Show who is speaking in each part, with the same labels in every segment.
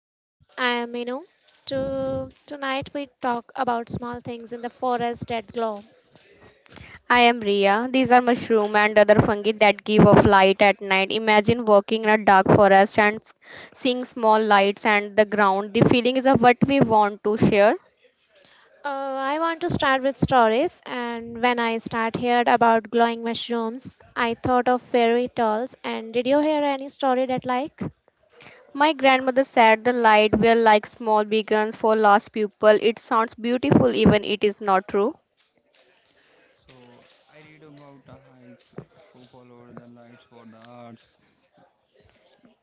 Speaker 1: Hi, I am Inu. Tonight we talk about small things in the forest that glow.
Speaker 2: I am Ria. These are mushroom and other fungi that give off light at night. Imagine walking in a dark forest and seeing small lights and the ground. The feeling is of what we want to share.
Speaker 1: I want to start with stories, and when I start heard about glowing mushrooms, I thought of fairy tales. And did you hear any story that like?
Speaker 2: My grandmother said the light were like small beacons for lost people. It sounds beautiful even it is not true.
Speaker 3: so I read about the hikes who followed the lights for the arts,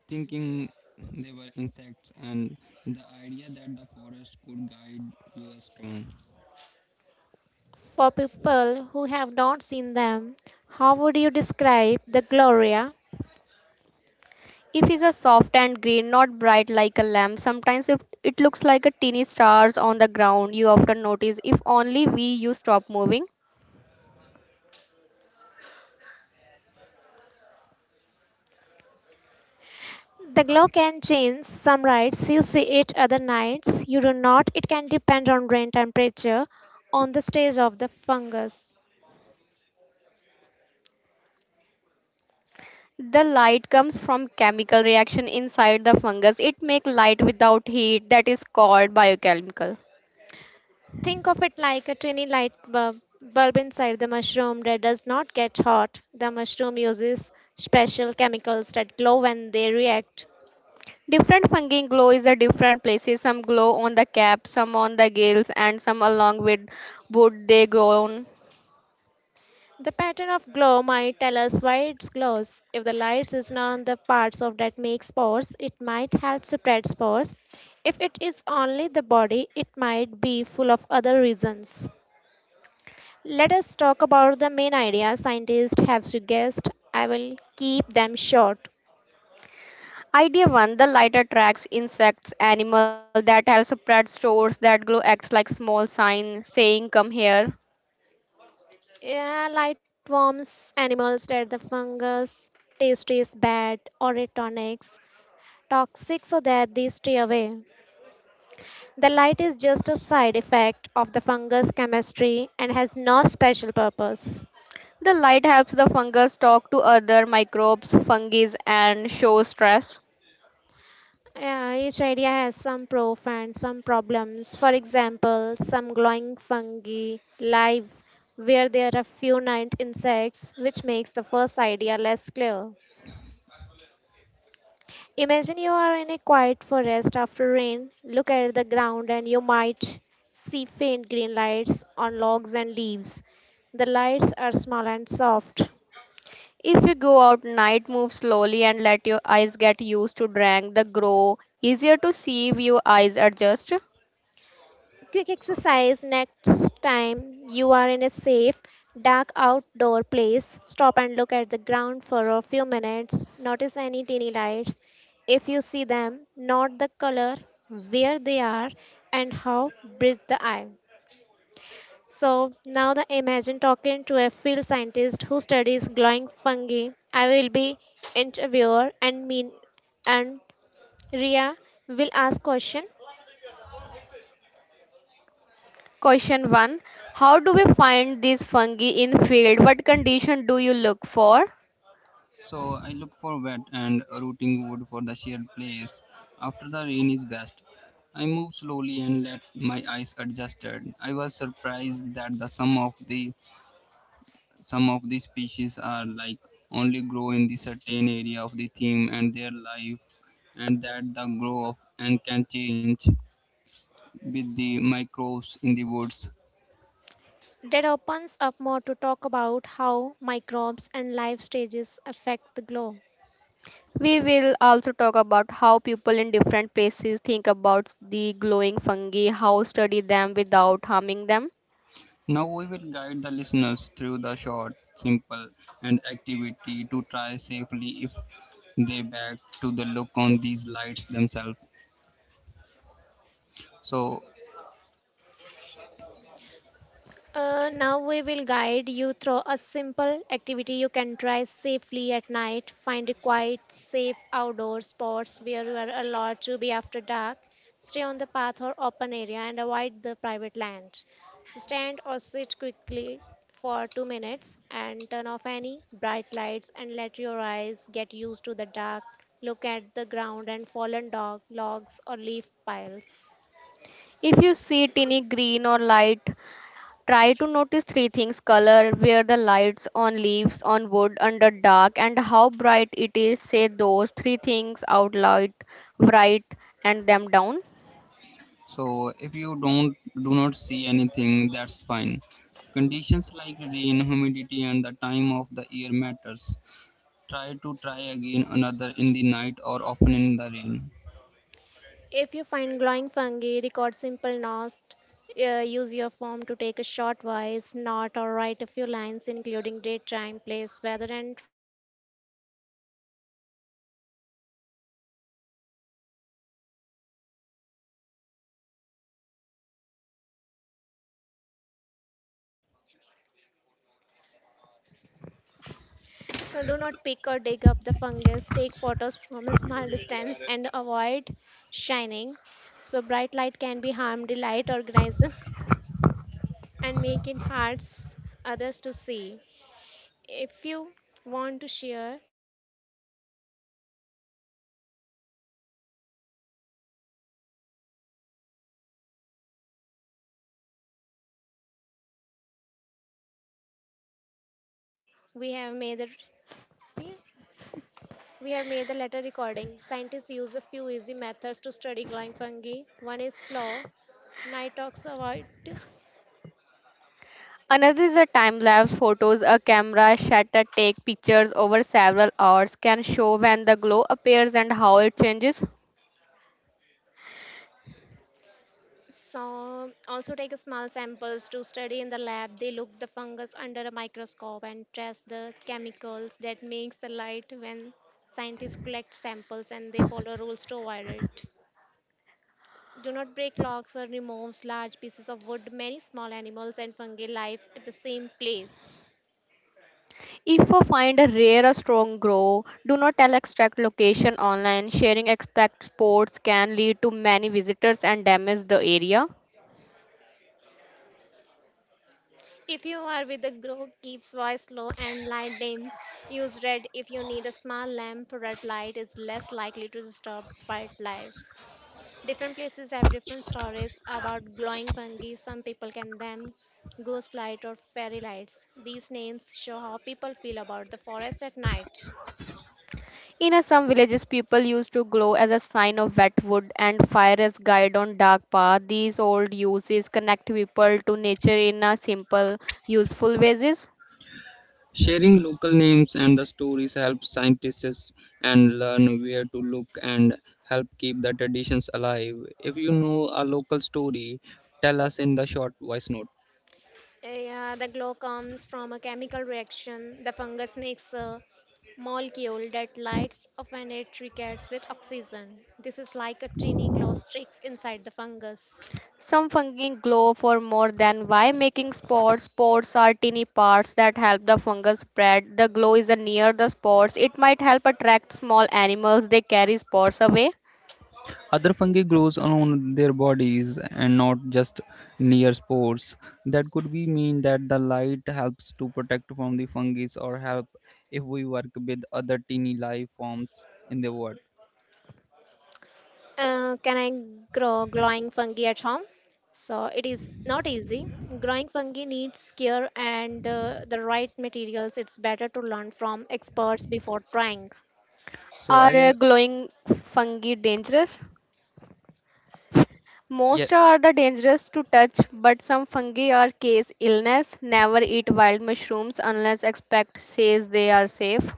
Speaker 3: thinking they were insects, and the idea that the forest could guide you is strong.
Speaker 1: For people who have not seen them, how would you describe the Gloria?
Speaker 2: If it's a soft and green, not bright like a lamp, sometimes if it looks like a teeny stars on the ground, you often notice if only we you stop moving.
Speaker 1: The glow can change. Some nights you see it, other nights you do not. It can depend on rain temperature, on the stage of the fungus.
Speaker 2: The light comes from chemical reaction inside the fungus. It make light without heat that is called biochemical.
Speaker 1: Think of it like a tiny light bulb inside the mushroom that does not get hot. The mushroom uses special chemicals that glow when they react.
Speaker 2: Different fungi glow is at different places. Some glow on the cap, some on the gills, and some along with wood they grow on.
Speaker 1: The pattern of glow might tell us why it glows. If the light is on the parts of that make spores, it might help spread spores. If it is only the body, it might be full of other reasons. Let us talk about the main idea scientists have suggested. I will keep them short.
Speaker 2: Idea 1. The light attracts insects, animal that helps spread stores that glow acts like small sign saying come here.
Speaker 1: Yeah, light warms animals that the fungus, taste is bad, or it tonics, toxic so that they stay away. The light is just a side effect of the fungus chemistry and has no special purpose.
Speaker 2: The light helps the fungus talk to other microbes, fungi and show stress.
Speaker 1: Yeah, each idea has some proof and some problems. For example, some glowing fungi live where there are few night insects, which makes the first idea less clear. Imagine you are in a quiet forest after rain, look at the ground, and you might see faint green lights on logs and leaves. The lights are small and soft.
Speaker 2: If you go out night, move slowly and let your eyes get used to drink the grow. Easier to see if your eyes adjust.
Speaker 1: Quick exercise next time you are in a safe, dark outdoor place. Stop and look at the ground for a few minutes. Notice any teeny lights if you see them, note the color, where they are, and how brisk the eye. So now the imagine talking to a field scientist who studies glowing fungi. I will be interviewer and mean and Ria will ask question.
Speaker 2: Question 1. How do we find these fungi in field? What condition do you look for?
Speaker 1: That opens up more to talk about how microbes and life stages affect the glow.
Speaker 2: We will also talk about how people in different places think about the glowing fungi, how study them without harming them.
Speaker 1: Now we will guide you through a simple activity you can try safely at night. Find a quiet, safe outdoor spots where you are allowed to be after dark. Stay on the path or open area and avoid the private land. So stand or sit quickly for 2 minutes and turn off any bright lights and let your eyes get used to the dark. Look at the ground and fallen dog, logs or leaf piles.
Speaker 2: If you see tiny green or light, try to notice three things color, where the lights on leaves, on wood, under dark, and how bright it is. Say those three things out loud, write and them down.
Speaker 1: If you find glowing fungi, record simple notes. Use your form to take a short voice note or write a few lines, including date, time, place, weather, and what do you say?
Speaker 2: Do not pick a dig or fungus that takes photos from a small distance and avoid shining.
Speaker 1: So, do not pick or dig up the fungus. Take photos from a small distance and avoid shining. So, bright light can be harm, delight organism, and make it hard s- others to see. If you want to share your notes, so let us start the color pattern and weather Let us glow and on the crab gills or wood. We have made the we have made the letter recording. Scientists use a few easy methods to study glowing fungi. One is slow, nitoxavoid.
Speaker 2: Another is a time lapse photos. A camera shutter take pictures over several hours can show when the glow appears and how it changes.
Speaker 1: So also take small samples to study in the lab. They look the fungus under a microscope and trace the chemicals that makes the light when scientists collect samples and they follow rules to avoid it. Do not break logs or remove large pieces of wood. Many small animals and fungi live at the same place.
Speaker 2: If you find a rare or strong grow, do not tell exact location online. Sharing exact spots can lead to many visitors and damage the area.
Speaker 1: If you are with a group, keep voice low and light dims. Use red if you need a small lamp. Red light is less likely to disturb wildlife. Different places have different stories about glowing fungi. Some people can them ghost light or fairy lights. These names show how people feel about the forest at night.
Speaker 2: In some villages, people used to glow as a sign of wet wood and fire as guide on dark path. These old uses connect people to nature in a simple, useful ways.
Speaker 1: Yeah, the glow comes from a chemical reaction. The fungus makes a molecule that lights up when it reacts with oxygen. This is like a tiny glow sticks inside the fungus.
Speaker 2: Some fungi glow for more than why making spores. Spores are tiny parts that help the fungus spread. The glow is near the spores. It might help attract small animals. They carry spores away.
Speaker 1: Can I grow glowing fungi at home? So it is not easy. Growing fungi needs care and the right materials. It's better to learn from experts before trying.
Speaker 2: Are glowing fungi dangerous? Most are the dangerous to touch, but some fungi are case illness. Never eat wild mushrooms unless expect says they are safe.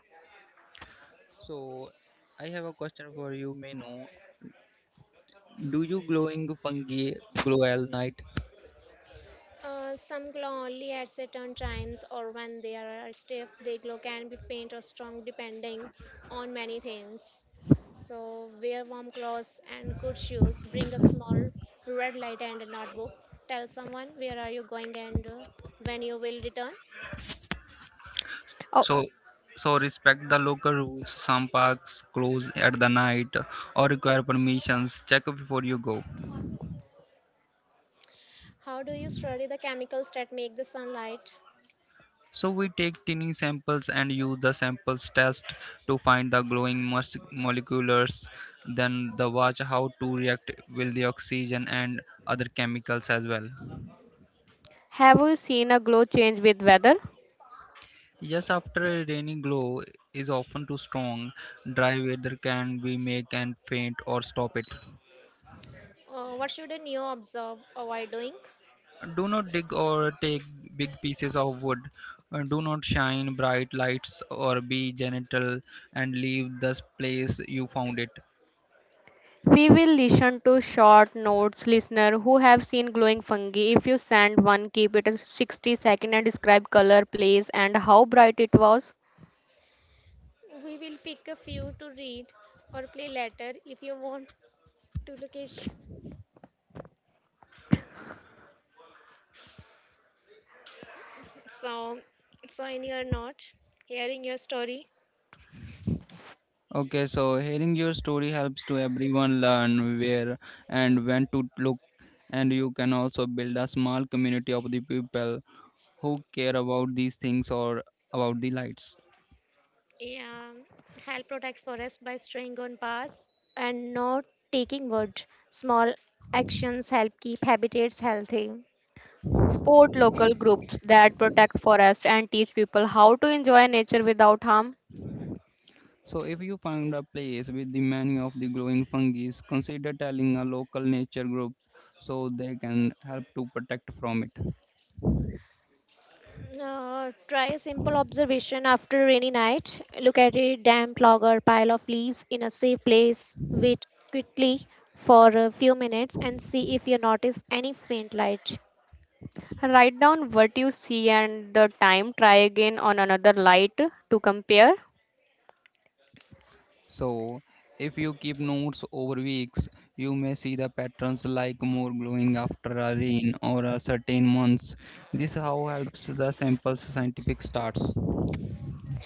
Speaker 1: Some glow only at certain times or when they are active. They glow can be faint or strong depending on many things. So wear warm clothes and good shoes. Bring a small red light and a notebook. Tell someone where are you going and when you will return.
Speaker 2: Oh,
Speaker 1: How do you study the chemicals that make the sunlight?
Speaker 2: have you seen a glow change with weather?
Speaker 1: What should a neo observe? Avoid doing?
Speaker 2: We will listen to short notes listener who have seen glowing fungi. If you send one, keep it 60 second and describe color, place and how bright it was.
Speaker 1: We will pick a few to read or play later if you want to location. So, so in your note, hearing your story, yeah, help protect forest by staying on paths and not taking wood. Small actions help keep habitats healthy.
Speaker 2: Support local groups that protect forest and teach people how to enjoy nature without harm.
Speaker 1: Try a simple observation after a rainy night. Look at a damp log or pile of leaves in a safe place. Wait quickly for a few minutes and see if you notice any faint light.
Speaker 2: Write down what you see and the time. Try again on another light to compare.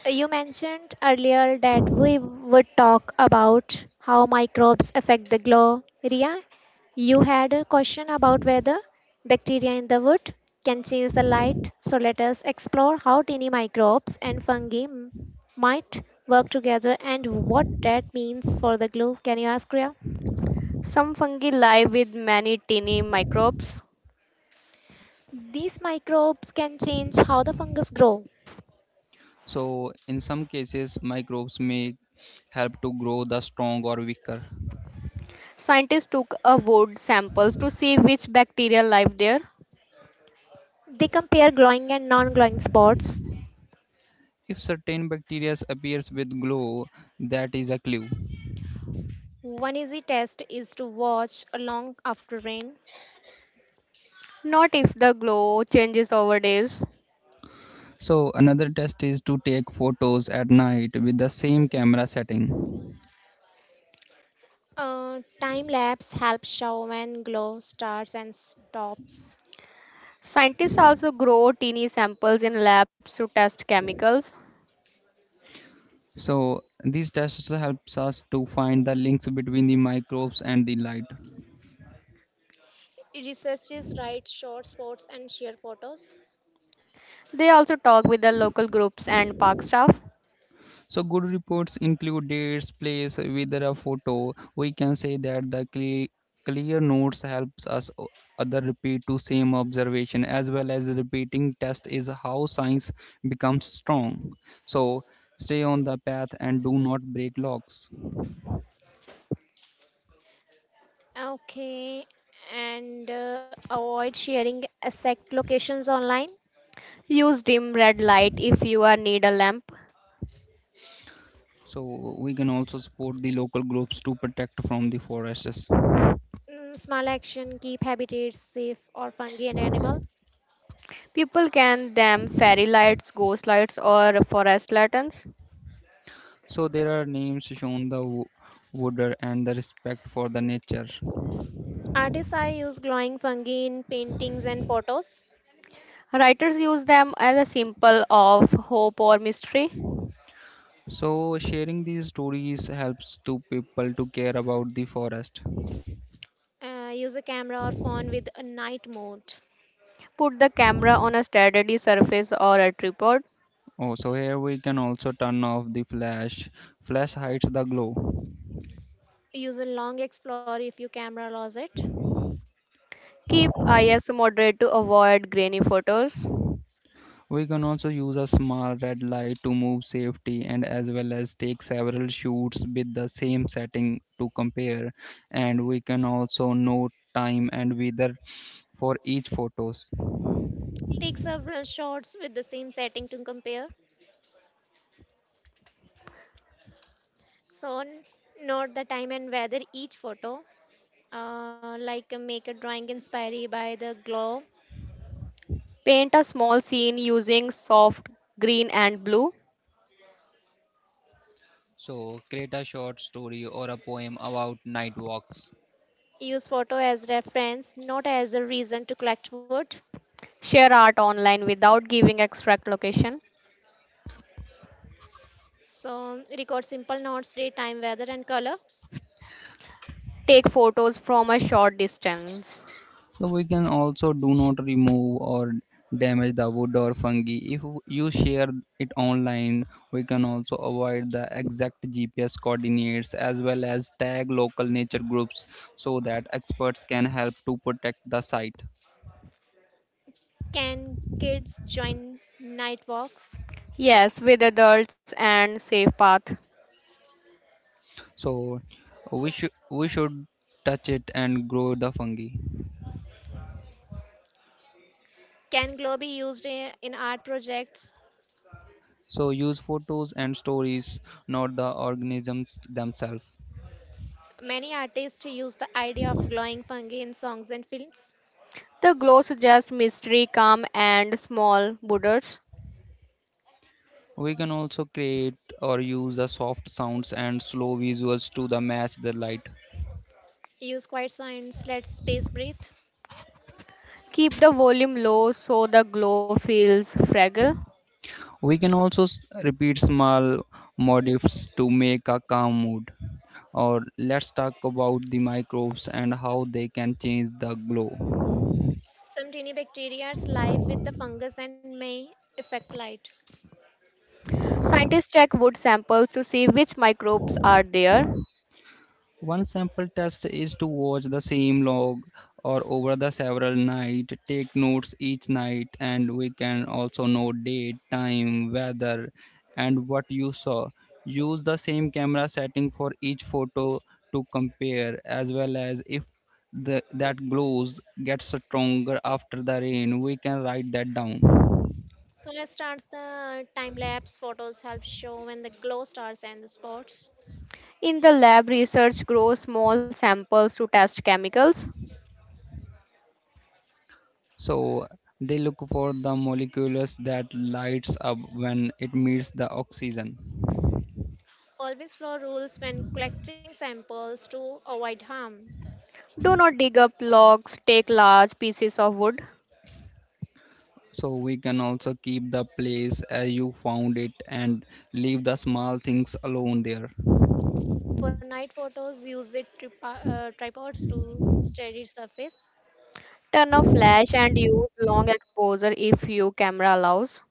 Speaker 1: You mentioned earlier that we would talk about how microbes affect the glow. Ria, you had a question about whether bacteria in the wood can change the light. So let us explore how tiny microbes and fungi might work together and what that means for the glow. Can you ask Ria?
Speaker 2: Some fungi live with many tiny microbes.
Speaker 1: These microbes can change how the fungus grow.
Speaker 2: Scientists took a wood samples to see which bacteria live there.
Speaker 1: They compare glowing and non-glowing spots. One easy test is to watch long after rain.
Speaker 2: Not if the glow changes over days.
Speaker 1: Time lapse helps show when glow starts and stops.
Speaker 2: Scientists also grow teeny samples in labs to test chemicals.
Speaker 1: Researchers write short spots and share photos.
Speaker 2: They also talk with the local groups and park staff.
Speaker 1: Okay, and avoid sharing exact locations online.
Speaker 2: Use dim red light if you are need a lamp.
Speaker 1: Mm, small action keep habitats safe or fungi and animals.
Speaker 2: People can them fairy lights, ghost lights, or forest lanterns.
Speaker 1: Artists I use glowing fungi in paintings and photos.
Speaker 2: Writers use them as a symbol of hope or mystery.
Speaker 1: Use a camera or phone with a night mode.
Speaker 2: Put the camera on a steady surface or a tripod.
Speaker 1: Use a long explorer if your camera allows it.
Speaker 2: Keep ISO moderate to avoid grainy photos.
Speaker 1: Take several shots with the same setting to compare. So, note the time and weather each photo. Make a drawing inspired by the glow.
Speaker 2: Paint a small scene using soft green and blue.
Speaker 1: Use photo as reference, not as a reason to collect wood.
Speaker 2: Share art online without giving exact location.
Speaker 1: So, record simple notes, day, time, weather, and color.
Speaker 2: Take photos from a short distance.
Speaker 1: Can kids join night walks?
Speaker 2: Yes, with adults and safe path.
Speaker 1: Can glow be used in art projects? Many artists use the idea of glowing fungi in songs and films.
Speaker 2: The glow suggests mystery, calm, and small Buddhas.
Speaker 1: Use quiet sounds, let space breathe.
Speaker 2: Keep the volume low so the glow feels fragile.
Speaker 1: Some tiny bacteria live with the fungus and may affect light.
Speaker 2: Scientists check wood samples to see which microbes are there.
Speaker 1: So let's start the time lapse. Photos help show when the glow starts and the spots.
Speaker 2: In the lab, research grows small samples to test chemicals.
Speaker 1: Always follow rules when collecting samples to avoid harm.
Speaker 2: Do not dig up logs, take large pieces of wood,
Speaker 1: For night photos, use it tripods to steady surface.
Speaker 2: turn off flash and use long exposure if your camera allows.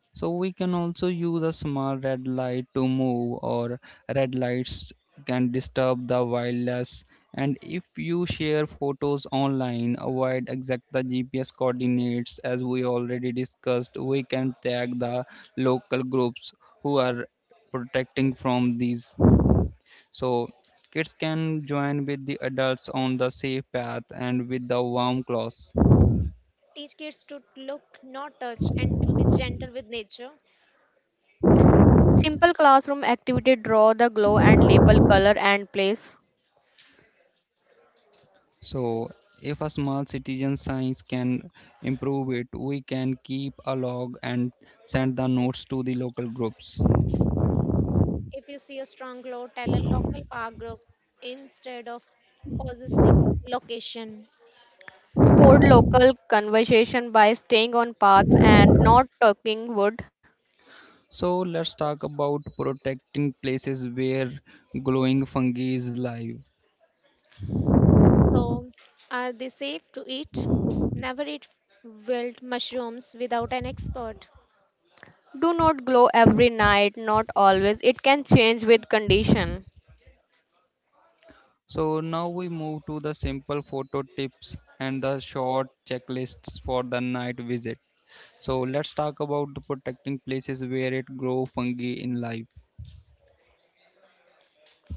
Speaker 1: Teach kids to look, not touch, and to be gentle with nature.
Speaker 2: Simple classroom activity draw the glow and label color and place.
Speaker 1: If you see a strong glow, tell a local park group instead of possessing location.
Speaker 2: Sport local conversation by staying on paths and not talking wood.
Speaker 1: So, are they safe to eat? Never eat wild mushrooms without an expert.
Speaker 2: Do not glow every night, not always. It can change with condition.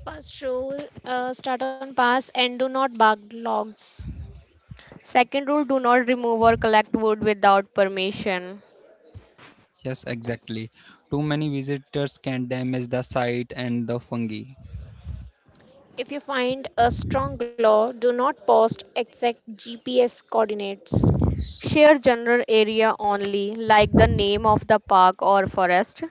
Speaker 1: First rule start on pass and do not bark logs.
Speaker 2: Second rule do not remove or collect wood without permission.
Speaker 1: If you find a strong law, do not post exact GPS coordinates.
Speaker 2: Share general area only, like the name of the park or forest.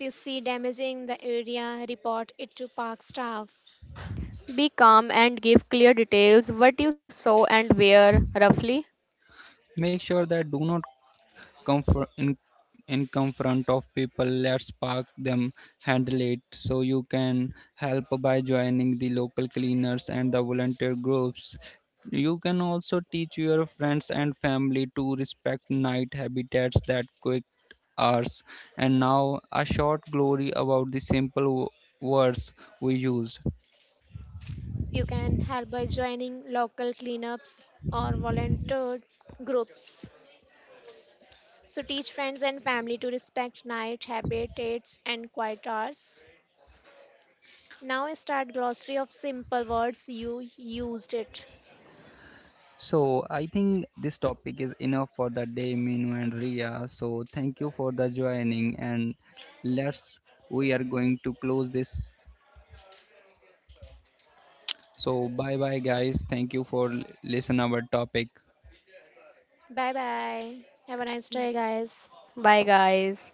Speaker 1: If you see damaging the area, report it to park staff.
Speaker 2: Be calm and give clear details what you saw and where, roughly.
Speaker 1: You can help by joining local cleanups or volunteer groups. So teach friends and family to respect night habitats and quiet hours. Now start glossary of simple words you used it. Bye bye. Have a nice day guys.
Speaker 2: Bye, guys.